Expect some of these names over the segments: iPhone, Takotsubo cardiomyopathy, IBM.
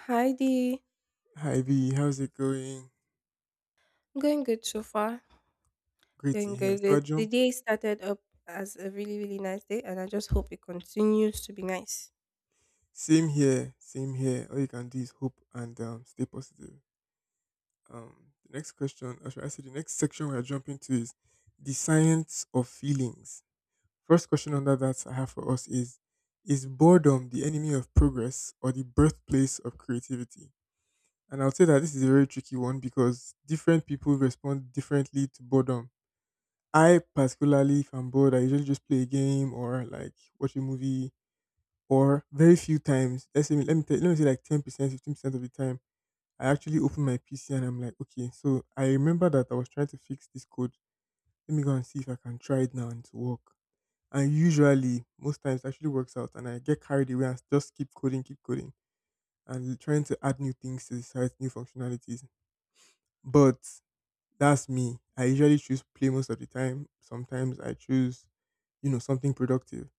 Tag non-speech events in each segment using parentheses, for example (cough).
Hi Dee. Hi V, how's it going? Going good so far. Great to Going hear. good. So I The jump. day started up as a really, really nice day, and I just hope it continues to be nice. Same here, same here. All you can do is hope and stay positive. Um, the next question, or should I say, the next section we are jumping to is the science of feelings. First question under that I have for us is: is boredom the enemy of progress or the birthplace of creativity? And I'll say that this is a very tricky one because different people respond differently to boredom. I particularly, if I'm bored, I usually just play a game or like watch a movie or very few times. Let's say let me say like 10%, 15% of the time, I actually open my PC and I'm like, okay, so I remember that I was trying to fix this code. Let me go and see if I can try it now and to work. And usually, most times, it actually works out, and I get carried away and just keep coding, and trying to add new things to the site, new functionalities. But that's me. I usually choose play most of the time. Sometimes I choose, you know, something productive.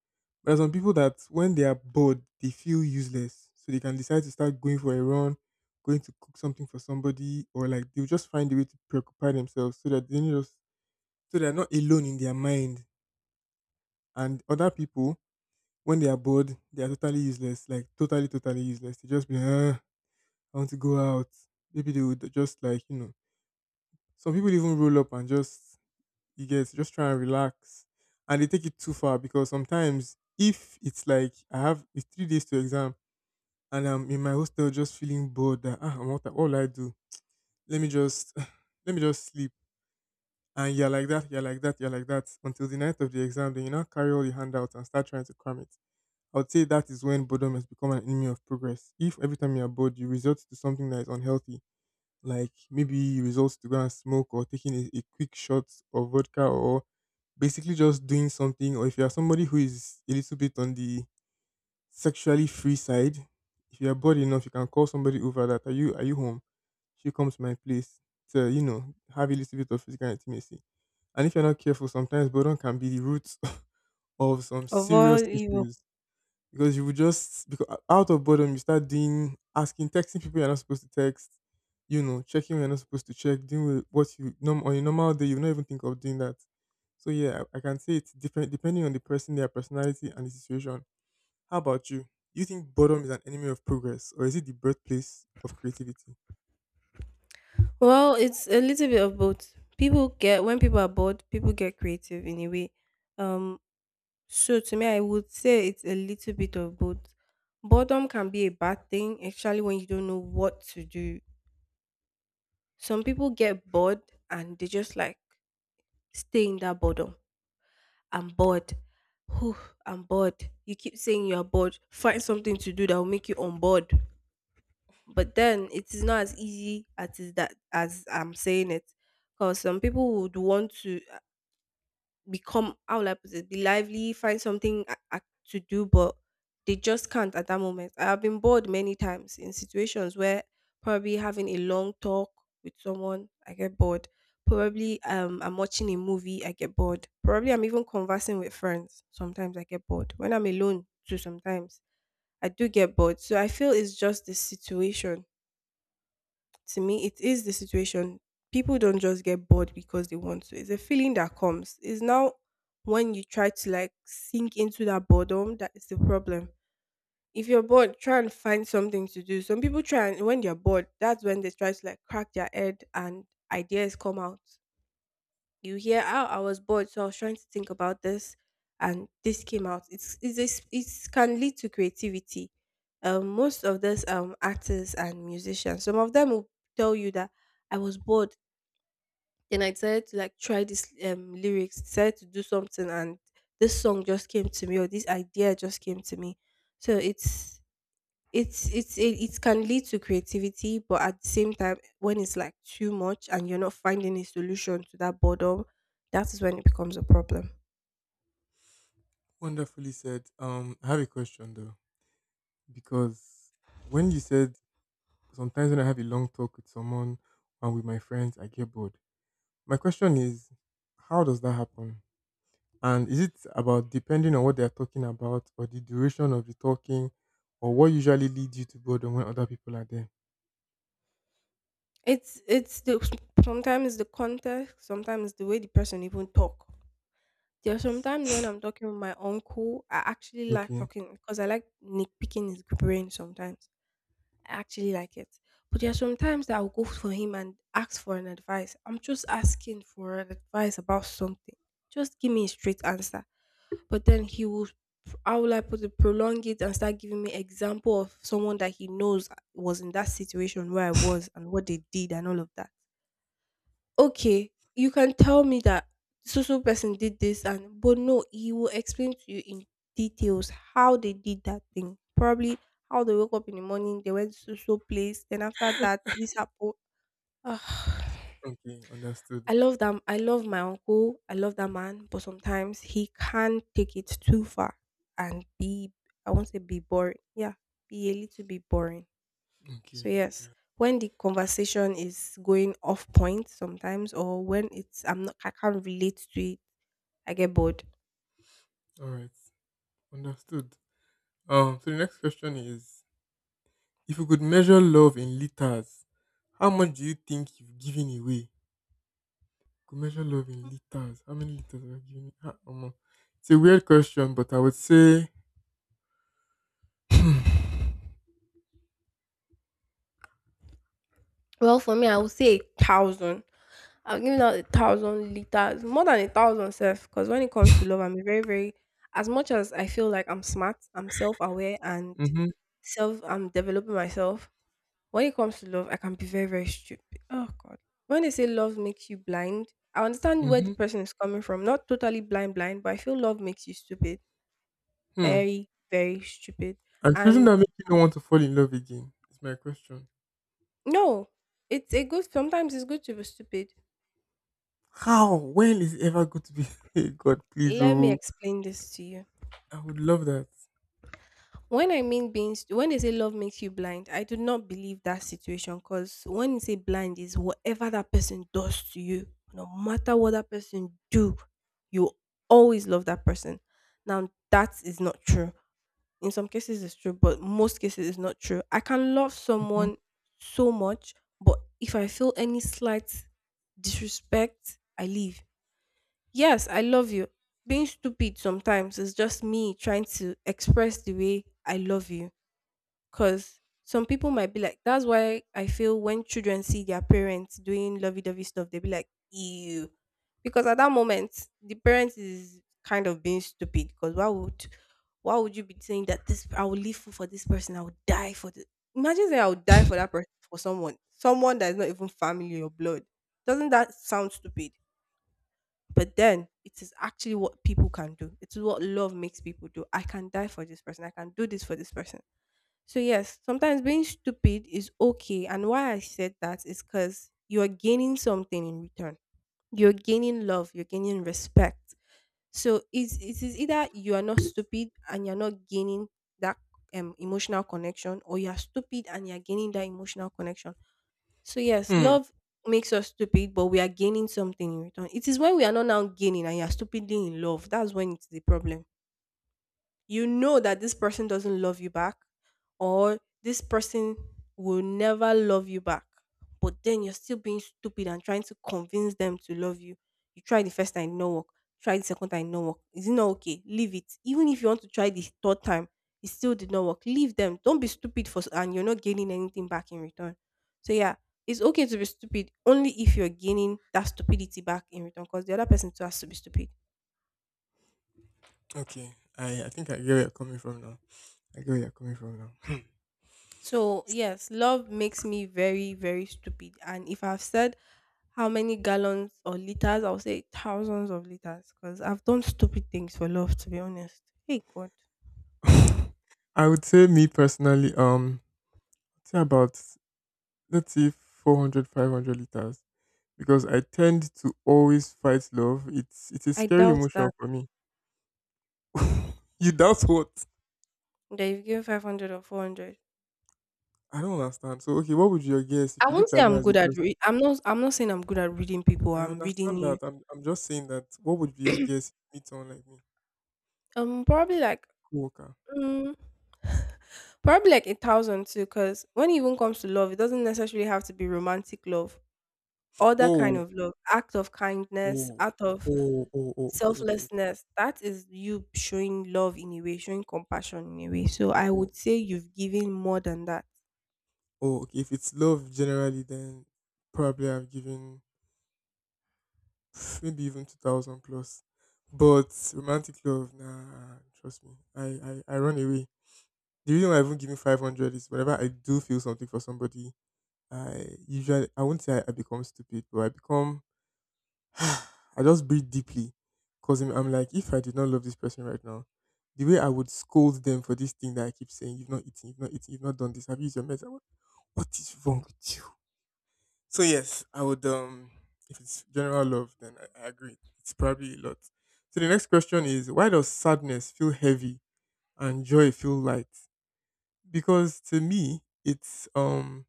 There are some people that when they are bored, they feel useless. So they can decide to start going for a run, going to cook something for somebody, or like they'll just find a way to preoccupy themselves so that they don't just so they're not alone in their mind. And other people, when they are bored, they are totally useless, like totally, totally useless. They just be, like, ah, I want to go out. Maybe they would just like, you know, some people even roll up and just, you get just try and relax. And they take it too far because sometimes if it's like, I have it's 3 days to exam, and I'm in my hostel just feeling bored that ah, what will I do? Let me just (sighs) let me just sleep. And you're like that, you're like that, you're like that until the night of the exam. Then you now carry all your handouts and start trying to cram it. I would say that is when boredom has become an enemy of progress. If every time you are bored, you resort to something that is unhealthy, like maybe you resort to go and smoke or taking a quick shot of vodka or basically just doing something, or if you are somebody who is a little bit on the sexually free side. If you're bored enough, you can call somebody over that are you home? She comes to my place to, you know, have a little bit of physical intimacy. And if you're not careful, sometimes boredom can be the root (laughs) of some Of all serious evil. issues. Because you would just because out of boredom you start doing asking, texting people you're not supposed to text, you know, checking when you're not supposed to check, doing with what you norm on a normal day, you would not even think of doing that. So yeah, I can say it's different depending on the person, their personality, and the situation. How about you? Do you think boredom is an enemy of progress or is it the birthplace of creativity? Well, it's a little bit of both. When people are bored, people get creative in a way. Um, so to me, I would say it's a little bit of both. Boredom can be a bad thing, especially when you don't know what to do. Some people get bored and they just like stay in that boredom. I'm bored. Whew, I'm bored. You keep saying you're bored. Find something to do that will make you on board. But then it is not as easy as is that as I'm saying it. Because some people would want to become, how will I put it, be lively, find something to do, but they just can't at that moment. I have been bored many times in situations where probably having a long talk with someone, I get bored. Probably I'm watching a movie, I get bored. Probably I'm even conversing with friends. Sometimes I get bored. When I'm alone, too, sometimes I do get bored. So I feel it's just the situation. To me, it is the situation. People don't just get bored because they want to. It's a feeling that comes. It's now when you try to like sink into that boredom that is the problem. If you're bored, try and find something to do. Some people try, and when they're bored, that's when they try to like crack their head and ideas come out. You hear, how I was bored, so I was trying to think about this, and this came out. It's can lead to creativity. Most of this artists and musicians, some of them will tell you that I was bored, then I decided to like try this lyrics, decided to do something, and this song just came to me or this idea just came to me. So it can lead to creativity, but at the same time, when it's like too much and you're not finding a solution to that boredom, that is when it becomes a problem. Wonderfully said. I have a question though, because when you said sometimes when I have a long talk with someone and with my friends, I get bored. My question is, how does that happen? And is it about depending on what they are talking about or the duration of the talking or what usually leads you to boredom when other people are there? It's the, sometimes the context, sometimes the way the person even talk. There are sometimes when I'm talking with my uncle, I actually like Okay. talking because I like nitpicking his brain sometimes. I actually like it. But there are sometimes that I'll go for him and ask for an advice. I'm just asking for an advice about something. Just give me a straight answer. But then he will, how will I put it, prolong it and start giving me example of someone that he knows was in that situation where I was and what they did and all of that. Okay, you can tell me that so so person did this and, but no, he will explain to you in details how they did that thing. Probably how they woke up in the morning, they went to so so place, then after that this happened. (sighs) Ah. Okay. Understood. I love them. I love my uncle. I love that man, but sometimes he can take it too far and be, I won't say be boring. Yeah, be a little bit boring. So Okay. yes, when the conversation is going off point sometimes, or when it's, I'm not, I can't relate to it, I get bored. All right. Understood. So the next question is if you could measure love in liters, how much do you think you've given away? Could measure love in liters. How many liters have you given? Ah, omo. It's a weird question, but I would say Well, for me, I would say a thousand. I've given out 1,000 liters, more than a thousand self. Because when it comes to love, I'm a very, very, as much as I feel like I'm smart, I'm self aware, and mm-hmm, self, I'm developing myself. When it comes to love, I can be very, very stupid. Oh, God. When they say love makes you blind, I understand where the mm-hmm, person is coming from. Not totally blind, blind, but I feel love makes you stupid. hmm. Very, very stupid. And shouldn't And that make you don't want to fall in love again? Is my question. no, it's a good, sometimes it's good to be stupid. How? When is it ever going to be (laughs) Hey, God please Let me oh. explain this to you. I would love that. When I mean being, when they say love makes you blind, I do not believe that situation, because when you say blind is whatever that person does to you, no matter what that person do, you always love that person. Now that is not true. In some cases it's true, but most cases it's not true. I can love Hmm. someone so much, but if I feel any slight disrespect, I leave. Yes, I love you. Being stupid sometimes is just me trying to express the way I love you, because some people might be like, that's why I feel when children see their parents doing lovey dovey stuff, they'll be like, ew. Because at that moment, the parent is kind of being stupid. Because why would you be saying that this I will live for this person, I will die for the, imagine saying I would die for that person, for someone. Someone that is not even family or blood. Doesn't that sound stupid? But then it is actually what people can do. It is what love makes people do. I can die for this person. I can do this for this person. So, yes, sometimes being stupid is okay. And why I said that is because you're gaining something in return. You're gaining love, you're gaining respect. So, it is either you are not stupid and you're not gaining that emotional connection, or you're stupid and you're gaining that emotional connection. So, yes, Hmm. love makes us stupid, but we are gaining something in return. It is when we are not now gaining and you're stupidly in love. That's when it's the problem. You know that this person doesn't love you back, or this person will never love you back. But then you're still being stupid and trying to convince them to love you. You try the first time, no work. Try the second time, no work. Is it not okay? Leave it. Even if you want to try the third time, it still did not work. Leave them. Don't be stupid and you're not gaining anything back in return. So yeah, it's okay to be stupid only if you're gaining that stupidity back in return, because the other person too has to be stupid. Okay. I think I get where you're coming from now. I get where you're coming from now. So, yes, love makes me very, very stupid. And if I've said how many gallons or liters, I'll say thousands of liters, because I've done stupid things for love, to be honest. Hey, God. Hmm. (laughs) I would say me personally, say about let's say 400, 500 liters because I tend to always fight love. It's a I scary doubt emotion that. for me. (laughs) You doubt what? That you've given 500 or 400. I don't understand. So okay, what would your guess I if you won't looked say at me I'm as a good at person? re-, I'm not saying I'm good at reading people. I I'm understand reading you. that. I'm just saying that what would be your guess if you meet someone like me? Probably like Co-worker. mm, (laughs) probably like a thousand too, because when it even comes to love, it doesn't necessarily have to be romantic love. Other kind Oh, of love, act of kindness, oh, act of oh, oh, oh, okay, okay, okay. selflessness, that is you showing love in a way, showing compassion in a way. So I Oh, would say you've given more than that. oh, okay, if it's love generally then probably I've given maybe even 2000 plus. But romantic love, nah, trust me, I run away. The reason why I even give me 500 is whenever I do feel something for somebody, I won't say I become stupid, but I become, (sighs) I just breathe deeply. Because I'm like, if I did not love this person right now, the way I would scold them for this thing that I keep saying, you've not eaten, you've not eaten, you've not done this, have you used your meds? What is wrong with you? So yes, I would if it's general love, then I agree. It's probably a lot. So the next question is why does sadness feel heavy and joy feel light? Because to me, it's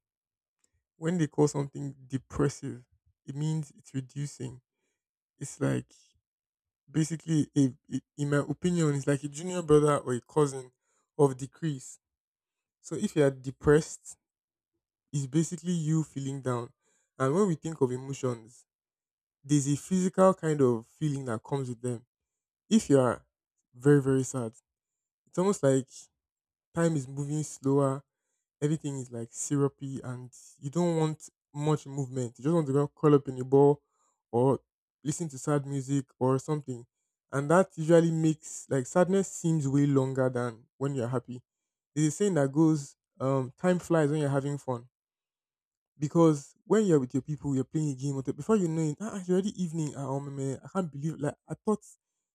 when they call something depressive, it means it's reducing. It's like basically in my opinion, it's like a junior brother or a cousin of decrease. So if you are depressed, it's basically you feeling down. And when we think of emotions, there's a physical kind of feeling that comes with them. If you are very, very sad, it's almost like time is moving slower, everything is like syrupy, and you don't want much movement. You just want to go curl up in a ball or listen to sad music or something. And that usually makes like sadness seems way longer than when you're happy. There's a saying that goes, time flies when you're having fun. Because when you're with your people, you're playing a game, with it, before you know it, ah, it's already evening. Ah, oh, man, I can't believe, like, I thought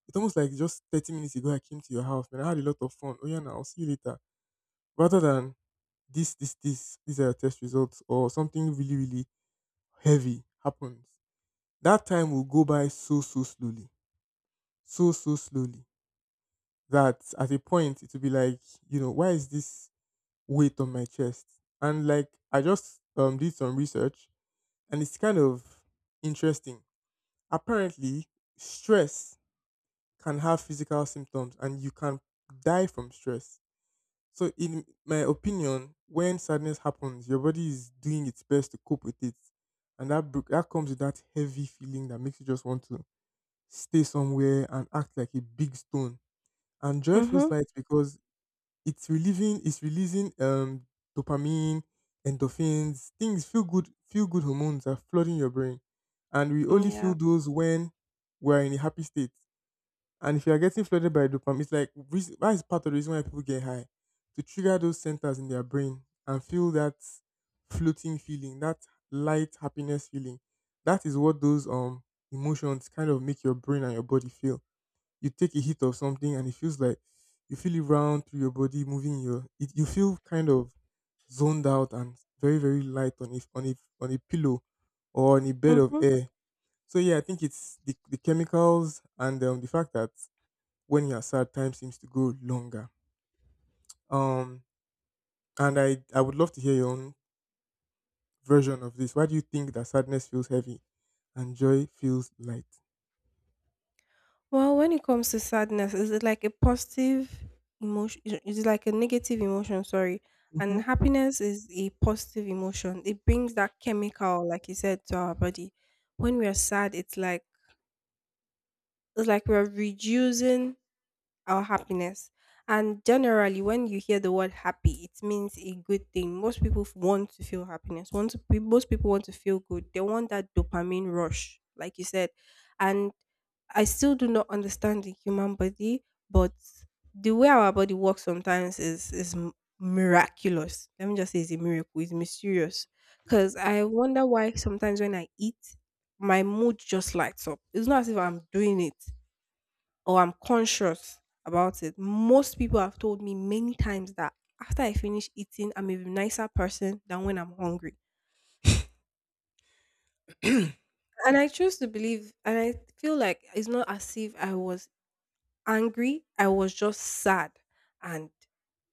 it's almost like just 30 minutes ago I came to your house, man. I had a lot of fun. Oh, yeah, now I'll see you later. Rather than this, these are your test results or something really, really heavy happens. That time will go by so, so slowly. So, so slowly that at a point it will be like, you know, why is this weight on my chest? And like, I just did some research and it's kind of interesting. Apparently stress can have physical symptoms and you can die from stress. So in my opinion when sadness happens your body is doing its best to cope with it, and that comes with that heavy feeling that makes you just want to stay somewhere and act like a big stone. And joy feels Mm-hmm. light because it's relieving, it's releasing dopamine, endorphins, things feel good, feel good hormones are flooding your brain, and we only feel Yeah. those when we're in a happy state. And if you are getting flooded by dopamine, it's like that is part of the reason why people get high, to trigger those centers in their brain and feel that floating feeling, that light happiness feeling. That is what those emotions kind of make your brain and your body feel. You take a hit of something and it feels like you feel it round through your body, moving your. It, you feel kind of zoned out and very very light on a pillow or on a bed of Mm-hmm. air. So yeah, I think it's the chemicals and the fact that when you're sad, time seems to go longer. Um, and I would love to hear your own version of this. Why do you think that sadness feels heavy and joy feels light? Well, when it comes to sadness, is it like a positive emotion? Is it like a negative emotion? Sorry. Hmm. And happiness is a positive emotion. It brings that chemical, like you said, to our body. When we are sad, it's like we're reducing our happiness. And generally, when you hear the word happy, it means a good thing. Most people want to feel happiness. Most people want to feel good. They want that dopamine rush, like you said. And I still do not understand the human body, but the way our body works sometimes is miraculous. Let me just say it's a miracle. It's mysterious. Cause I wonder why sometimes when I eat, my mood just lights up. It's not as if I'm doing it or I'm conscious about it. Most people have told me many times that after I finish eating, I'm a nicer person than when I'm hungry. And I choose to believe, and I feel like it's not as if I was angry, I was just sad. And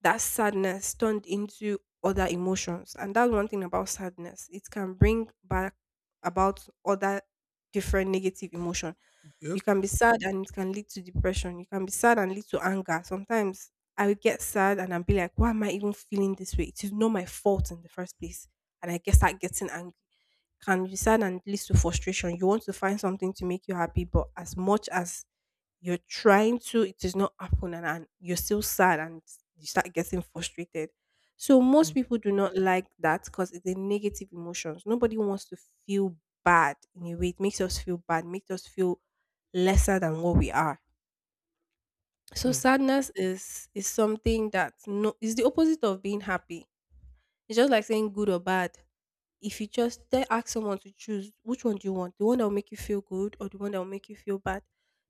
that sadness turned into other emotions. And that's one thing about sadness, it can bring back about other different negative emotions. You Yep. can be sad and it can lead to depression. You can be sad and lead to anger. Sometimes I would get sad and I'd be like, why am I even feeling this way? It is not my fault in the first place. And I guess start getting angry. Can be sad and leads to frustration. You want to find something to make you happy, but as much as you're trying to, it is not happening and you're still sad and you start getting frustrated. So Mm, most people do not like that because it's a negative emotions. Nobody wants to feel bad in a way. It makes us feel bad, makes us feel lesser than what we are. So mm, sadness is something that no is the opposite of being happy. It's just like saying good or bad. If you just then ask someone to choose which one do you want, the one that will make you feel good or the one that will make you feel bad,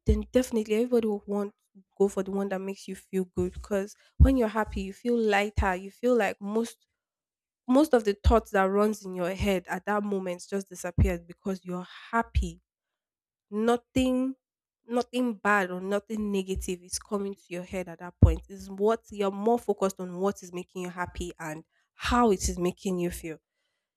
then definitely everybody will want go for the one that makes you feel good because when you're happy, you feel lighter. You feel like most of the thoughts that runs in your head at that moment just disappears because you're happy nothing nothing bad or nothing negative is coming to your head at that point. Is what you're more focused on what is making you happy and how it is making you feel.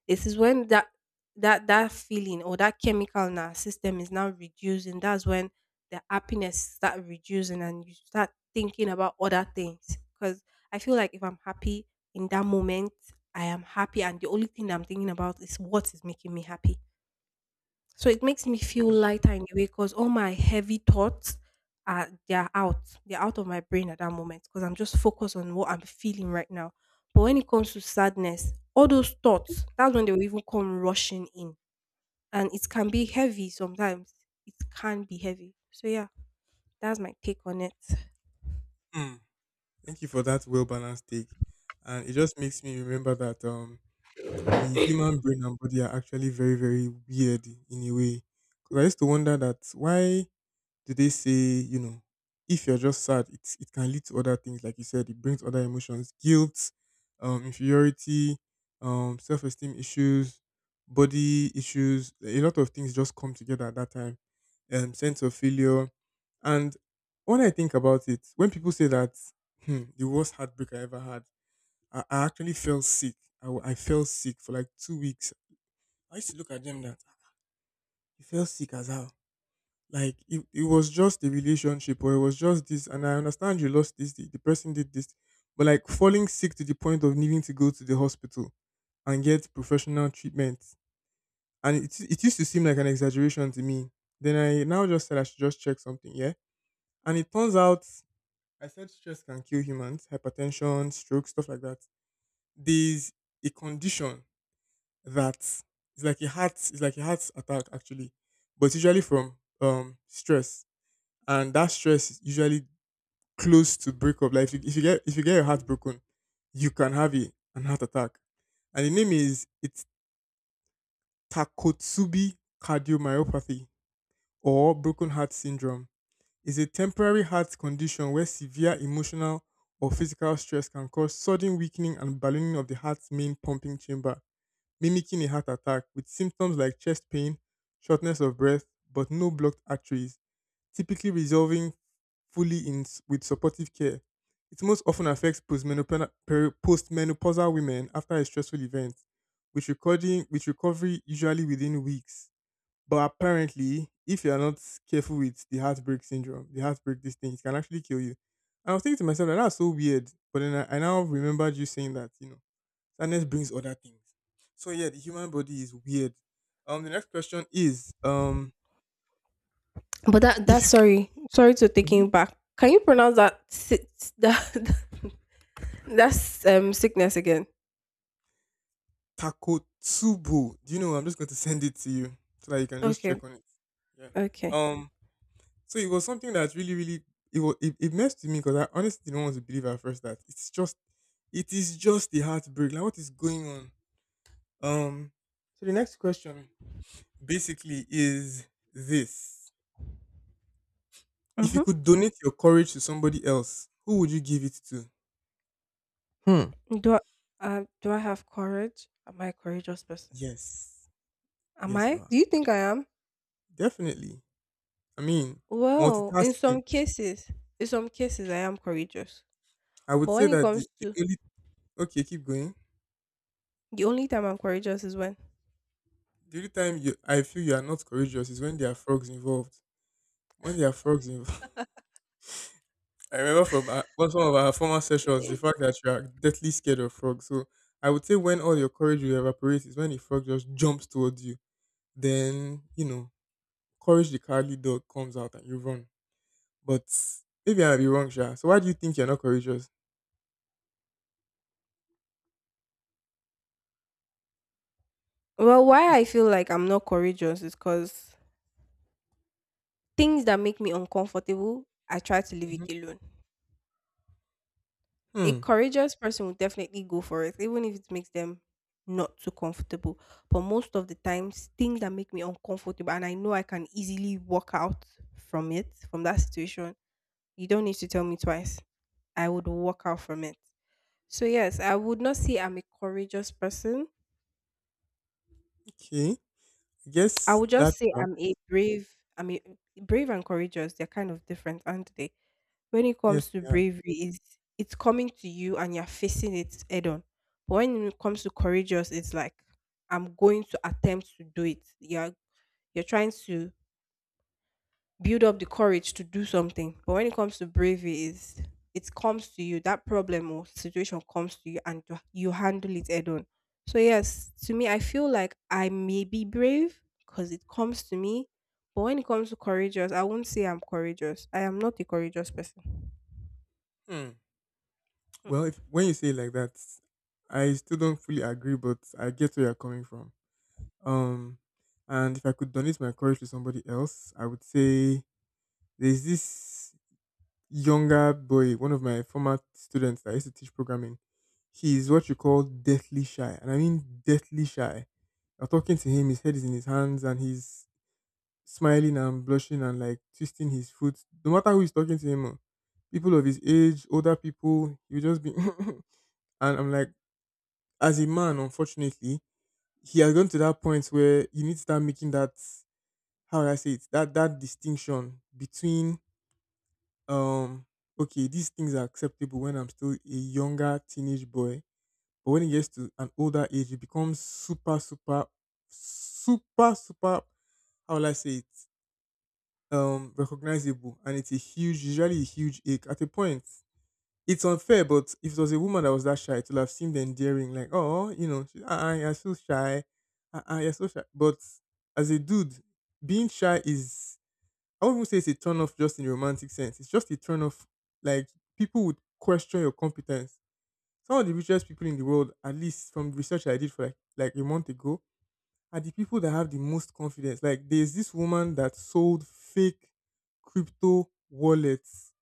This is when that feeling or that chemical in our system is now reducing. That's when the happiness start reducing and you start thinking about other things. Because I feel like if I'm happy in that moment, I am happy and the only thing I'm thinking about is what is making me happy. So it makes me feel mm, lighter in a way because all my heavy thoughts are they're out. They're out of my brain at that moment because I'm just focused on what I'm feeling right now. But when it comes to sadness, all those thoughts, that's when they will even come rushing in. And it can be heavy sometimes. It can be heavy. So yeah, that's my take on it. mm. Thank you for that well balanced take, and it just makes me remember that the human brain and body are actually very very weird in a way. Because I used to wonder that why do they say, you know, if you're just sad, it can lead to other things, like you said, it brings other emotions, guilt, inferiority, self esteem issues, body issues, a lot of things just come together at that time, sense of failure. And when I think about it, when people say that the worst heartbreak I ever had, I actually fell sick. I fell sick for like 2 weeks. I used to look at them that you fell sick as how, like it was just a relationship, or it was just this, and I understand you lost this, the person did this. But like, falling sick to the point of needing to go to the hospital and get professional treatment. And it used to seem like an exaggeration to me. Then I now just said I should just check something, yeah? And it turns out, I said stress can kill humans, hypertension, stroke, stuff like that. There's a condition that it's like a heart attack actually, but it's usually from stress, and that stress usually close to breakup. Like, if you get your heart broken, you can have a an heart attack. And the name is, it's Takotsubi cardiomyopathy, or broken heart syndrome. It's a temporary heart condition where severe emotional or physical stress can cause sudden weakening and ballooning of the heart's main pumping chamber, mimicking a heart attack with symptoms like chest pain, shortness of breath, but no blocked arteries, typically resolving fully with supportive care. It most often affects postmenopausal women after a stressful event, with recovery usually within weeks. But apparently, if you are not careful with the heartbreak syndrome, the heartbreak, this thing, it can actually kill you. And I was thinking to myself that that's so weird. But then I now remembered you saying that, sadness brings other things. So yeah, the human body is weird. The next question is But that if that's you sorry. Sorry to mm-hmm. taking back. Can you pronounce that (laughs) that's sickness again? Takotsubo. Do you know? I'm just going to (laughs) send it to you so that you can just Okay. check on it. Yeah. Okay. Um. So it was something that really, really, it messed with me, because I honestly didn't want to believe at first that it is just the heartbreak. Like, what is going on? Um. So the next question basically is this: If you Mhm. could donate your courage to somebody else, who would you give it to? Hmm. Do I, do I have courage? Am I a courageous person? Yes. Am Yes, you I? are. Do you think I am? Definitely. I mean, Well, multitasking. In some cases, I am courageous. I would But say when it that the, comes the to only— Okay, keep going. the only time I'm courageous is when. The only time you I feel you are not courageous is when there are frogs involved. When there are frogs involved, (laughs) I remember from our, one some of our former sessions the (clears throat) fact that you are deathly scared of frogs. So I would say, when all your courage will evaporate is when a frog just jumps towards you. Then, Courage the Cowardly Dog comes out and you run. But maybe I might be wrong, Sha. So why do you think you're not courageous? Well, why I feel like I'm not courageous is because things that make me uncomfortable, I try to leave Mhm. it alone. A Hmm. courageous person will definitely go for it, even if it makes them not too comfortable. But most of the times, things that make me uncomfortable and I know I can easily walk out from it, from that situation, you don't need to tell me twice. I would walk out from it. So, yes, I would not say I'm a courageous person. Okay. I I guess would just that say tracks. I'm a brave and courageous. They're kind of different, aren't they? When it Yes. comes to bravery is it's coming to you and you're facing it head on, but when it comes to courageous it's like I'm going to attempt to do it. You're trying to build up the courage to do something, but when it comes to bravery is it comes to you, that problem or situation comes to you and you handle it head on. So yes, to me I feel like I may be brave because it comes to me, but when it comes to courageous, I won't say I'm courageous. I am not a courageous person. Yeah. Well, if Mm-mm. when you say it like that, I still don't fully agree, but I get where you're coming from. Um, and if I could donate my courage to somebody else, I would say there's this younger boy, one of my former students that I used to teach programming. He's what you call deathly shy, and I mean deathly shy. I'm talking to him, his head is in his hands, and he's smiling and blushing and like twisting his foot. No matter who is talking to him, oh, people of his age, older people, you just be (laughs) and I'm like, as a man, unfortunately, he has gone to that point where you need to start making that how would I say it that distinction between, um okay, these things are acceptable when I'm still a younger teenage boy, but when it gets to an older age, it becomes super super, super super, how will I say it, recognizable, and it's a huge, usually a huge ache at a point. It's unfair, but if it was a woman that was that shy, it would have seemed endearing. Like, oh, she, uh-uh, you're so shy. Uh-uh, you're so shy. But as a dude, being shy is— I wouldn't even say it's a turn off just in a romantic sense. It's just a turn off. Like, people would question your competence. Some of the richest people in the world, at least from research I did, for like a month ago, are the people that have the most confidence. Like, there's this woman that sold fake crypto wallets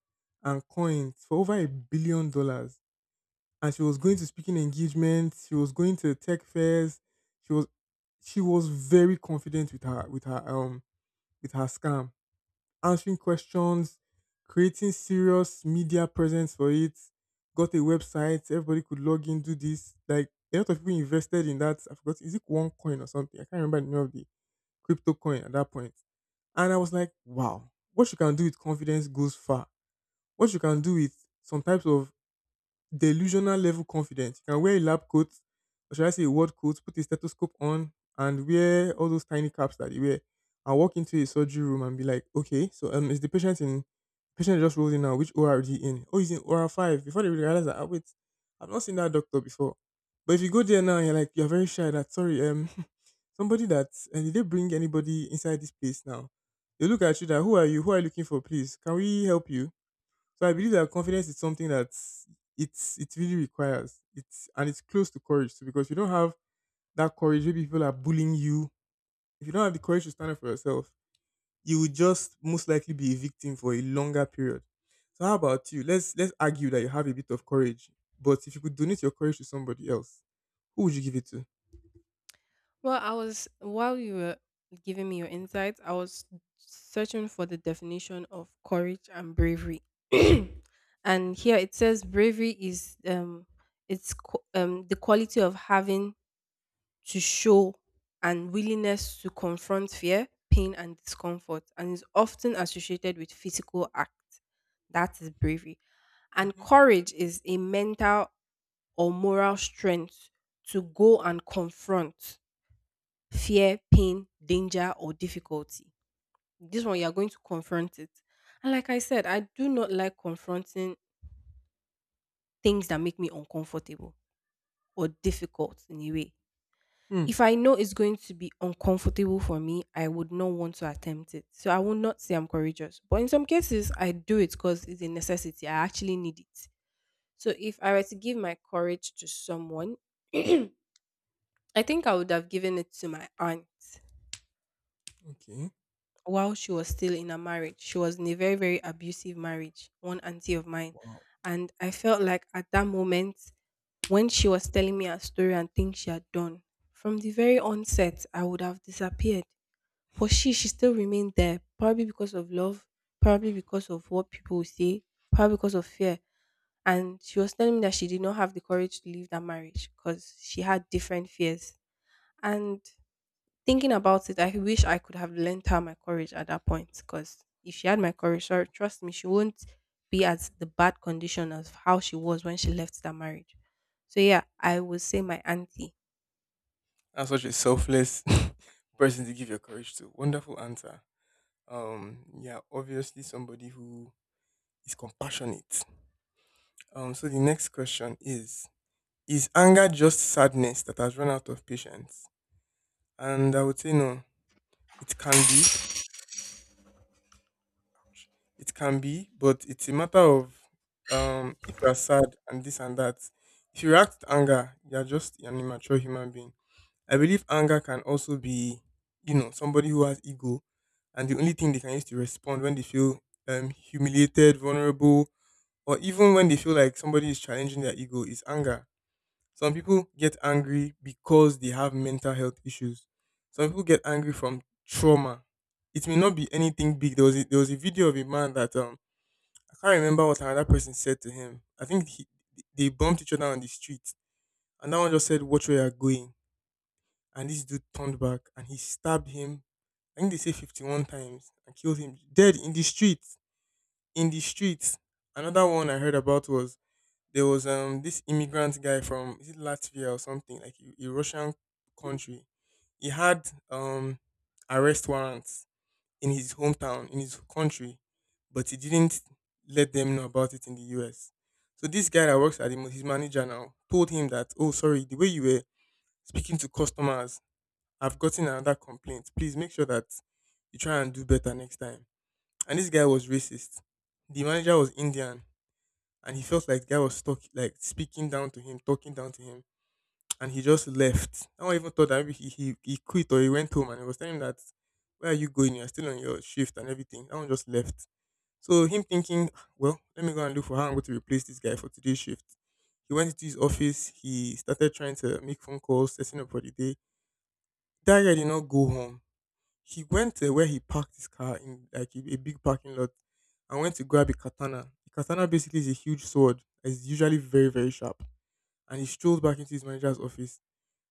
and coins for over $1 billion, and she was going to speaking engagements, she was going to tech fairs, she was she was very confident with her scam, answering questions, creating serious media presence for it, got a website, everybody could log in, do this. Like, a lot of people invested in that. I forgot, is it one coin or something? I can't remember the name of the crypto coin at that point. And I was like, wow, what you can do with confidence goes far. What you can do with some types of delusional level confidence. You can wear a lab coat, or should I say a word coat, put a stethoscope on, and wear all those tiny caps that they wear, and walk into a surgery room and be like, okay, so is the patient in? Patient just rolled in now. Which ORD in? Oh, he's in OR five. Before they realize that, ah, wait, I've not seen that doctor before. But if you go there now, and you're like, you're very shy. That, sorry, (laughs) somebody that— And did they bring anybody inside this place now? They look at you, that who are you? Who are you looking for? Please, can we help you? So I believe that confidence is something that, it really requires. It's and it's close to courage too, because if you don't have that courage, maybe people are bullying you. If you don't have the courage to stand up for yourself, you will just most likely be a victim for a longer period. So how about you? Let's argue that you have a bit of courage, but if you could donate your courage to somebody else, who would you give it to? Well, I was while you were giving me your insights, I was searching for the definition of courage and bravery. (clears throat) And here it says bravery is the quality of having to show and willingness to confront fear, pain and discomfort and is often associated with physical act. That is bravery. Hmm. And Hmm. courage is a mental or moral strength to go and confront fear, pain, danger, or difficulty. This one, you're going to confront it. And like I said, I do not like confronting things that make me uncomfortable or difficult in a way. Hmm. If I know it's going to be uncomfortable for me, I would not want to attempt it. So I will not say I'm courageous. But in some cases, I do it because it's a necessity. I actually need it. So if I were to give my courage to someone, (clears throat) I think I would have given it to my aunt Okay. while she was still in a marriage. She was in a very, very abusive marriage, one auntie of mine. Wow. And I felt like at that moment, when she was telling me her story and things she had done, from the very onset, I would have disappeared. But she still remained there, probably because of love, probably because of what people will say, probably because of fear. And she was telling me that she did not have the courage to leave that marriage because she had different fears. And thinking about it, I wish I could have lent her my courage at that point. Because if she had my courage, sure, trust me, she won't be as the bad condition of how she was when she left that marriage. So yeah, I would say my auntie. That's such a selfless (laughs) person to give your courage to. Wonderful answer. Yeah. Obviously, somebody who is compassionate. So the next question is anger just sadness that has run out of patience? And I would say no. It can be, it can be, but it's a matter of, if you are sad and this and that. If you react to anger, you are just an immature human being. I believe anger can also be, somebody who has ego, and the only thing they can use to respond when they feel humiliated, vulnerable, or even when they feel like somebody is challenging their ego, is anger. Some people get angry because they have mental health issues. Some people get angry from trauma. It may not be anything big. There was a video of a man that, I can't remember what another person said to him. I think they bumped each other on the street, and that one just said, "Watch where you're going." And this dude turned back and he stabbed him. I think they say 51 times, and killed him dead in the street. In the streets. Another one I heard about was, there was this immigrant guy from, is it Latvia, or something like a Russian country. He had arrest warrants in his hometown, in his country, but he didn't let them know about it in the US. So this guy that works at him, his manager now, told him that, oh sorry, the way you were speaking to customers, I've gotten another complaint. Please make sure that you try and do better next time. And this guy was racist. The manager was Indian, and he felt like the guy was like speaking down to him, talking down to him, and he just left. No one even thought that maybe he quit, or he went home, and he was telling him that, where are you going? You're still on your shift and everything. That one just left. So him thinking, well, let me go and look for how I'm going to replace this guy for today's shift. He went into his office. He started trying to make phone calls, setting up for the day. That guy did not go home. He went to where he parked his car in like a big parking lot, and went to grab a katana. A katana basically is a huge sword. It's usually very, very sharp. And he strolled back into his manager's office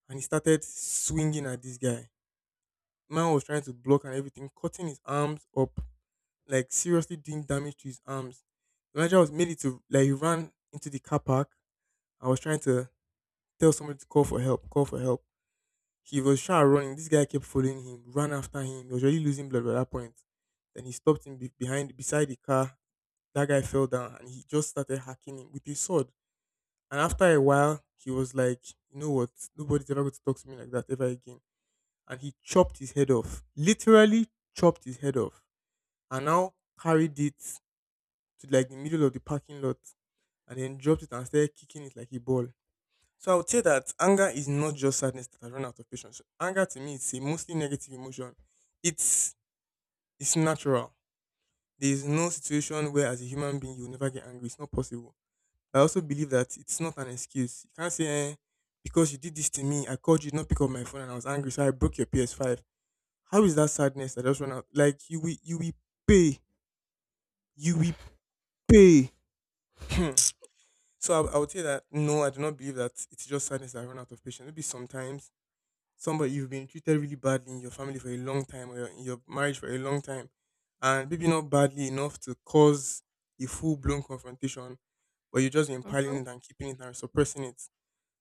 and he started swinging at this guy. Man was trying to block and everything, cutting his arms up, like seriously doing damage to his arms. The manager was made it to like he ran into the car park. I was trying to tell somebody to call for help, call for help. He was trying to run. This guy kept following him, ran after him. He was already losing blood by that point. Then he stopped him behind, beside the car. That guy fell down and he just started hacking him with his sword. And after a while, he was like, you know what? Nobody's ever going to talk to me like that ever again. And he chopped his head off. Literally chopped his head off. And now carried it to like the middle of the parking lot and then dropped it and started kicking it like a ball. So I would say that anger is not just sadness that I run out of patience. Anger to me is a mostly negative emotion. It's it's natural. There is no situation where as a human being you'll never get angry. It's not possible. I also believe that it's not an excuse. You can't say eh, because you did this to me, I called you, did not pick up my phone and I was angry, so I broke your PS5. How is that sadness that I just run out? Like you will pay. You will pay. (clears throat) So I would say that no, I do not believe that it's just sadness that I run out of patience. Maybe sometimes somebody you've been treated really badly in your family for a long time in your marriage for a long time, and maybe not badly enough to cause a full blown confrontation, but you've just been Mhm. piling it and keeping it and suppressing it.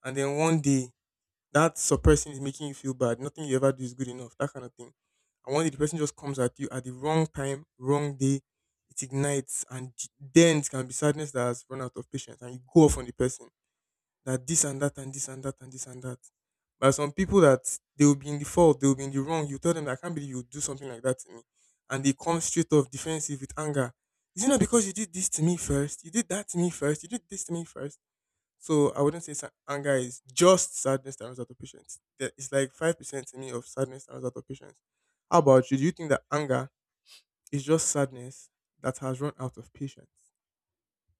And then one day, that suppressing is making you feel bad. Nothing you ever do is good enough, that kind of thing. And one day, the person just comes at you at the wrong time, wrong day. It ignites, and then it can be sadness that has run out of patience, and you go off on the person that this and that and this and that and this and that. But some people that they will be in the fault, they will be in the wrong. You tell them, that I can't believe you would do something like that to me. And they come straight off defensive with anger. Is it not because you did this to me first? You did that to me first. You did this to me first. So I wouldn't say anger is just sadness that runs out of patience. It's like 5% to me of sadness that runs out of patience. How about you? Do you think that anger is just sadness that has run out of patience?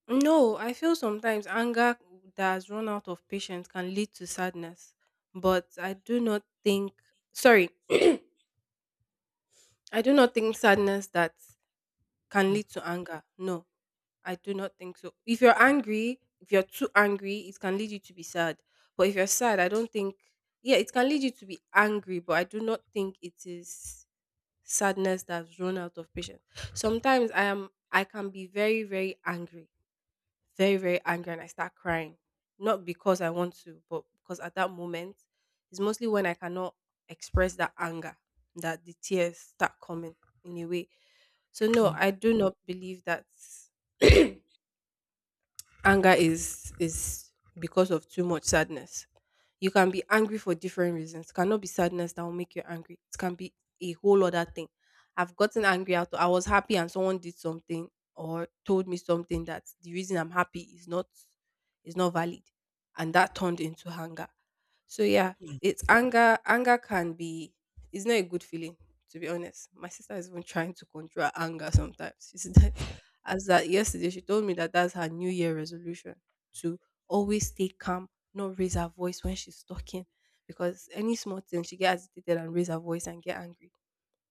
No, I feel sometimes anger that has run out of patience can lead to sadness, but I do not think. Sorry, (clears throat) I do not think sadness that can Uh, lead to anger. No, I do not think so. If you're angry, if you're too angry, it can lead you to be sad. But if you're sad, I don't think, yeah, it can lead you to be angry, but I do not think it is sadness that's run out of patience. Sometimes I can be very, very angry. Very, very angry and I start crying. Not because I want to, but because at that moment it's mostly when I cannot express that anger that the tears start coming in a way. So no, mm, I do not believe that (clears throat) anger is because of too much sadness. You can be angry for different reasons. It cannot be sadness that will make you angry. It can be a whole other thing. I've gotten angry out. I was happy and someone did something or told me something that the reason I'm happy is not valid, and that turned into anger. So yeah, it's anger. Anger can be. It's not a good feeling, to be honest. My sister is even trying to control her anger sometimes. (laughs) She's as that yesterday, she told me that that's her New Year resolution to always stay calm, not raise her voice when she's talking, because any small thing she gets agitated and raise her voice and get angry.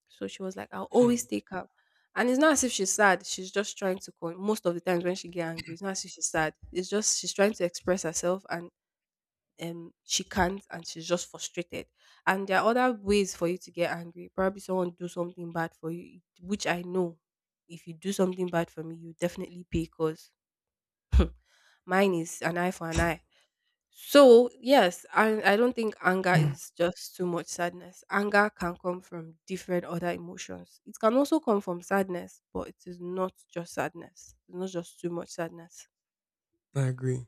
So she was like, "I'll always mm, stay calm." And it's not as if she's sad. She's just trying to. Con- Most of the times when she get angry, it's not as if she's sad. It's just she's trying to express herself and she can't and she's just frustrated. And there are other ways for you to get angry, probably someone do something bad for you, which I know if you do something bad for me, you definitely pay because mine is an eye for an eye. So yes, and I don't think anger is just too much sadness. Anger can come from different other emotions. It can also come from sadness, but it is not just sadness. It's not just too much sadness. I agree.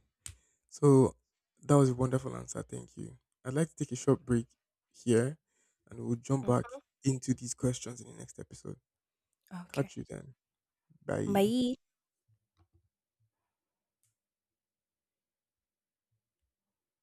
So that was a wonderful answer. Thank you. I'd like to take a short break here and we'll jump Mm, back into these questions in the next episode. okay, Catch you then. Bye. bye.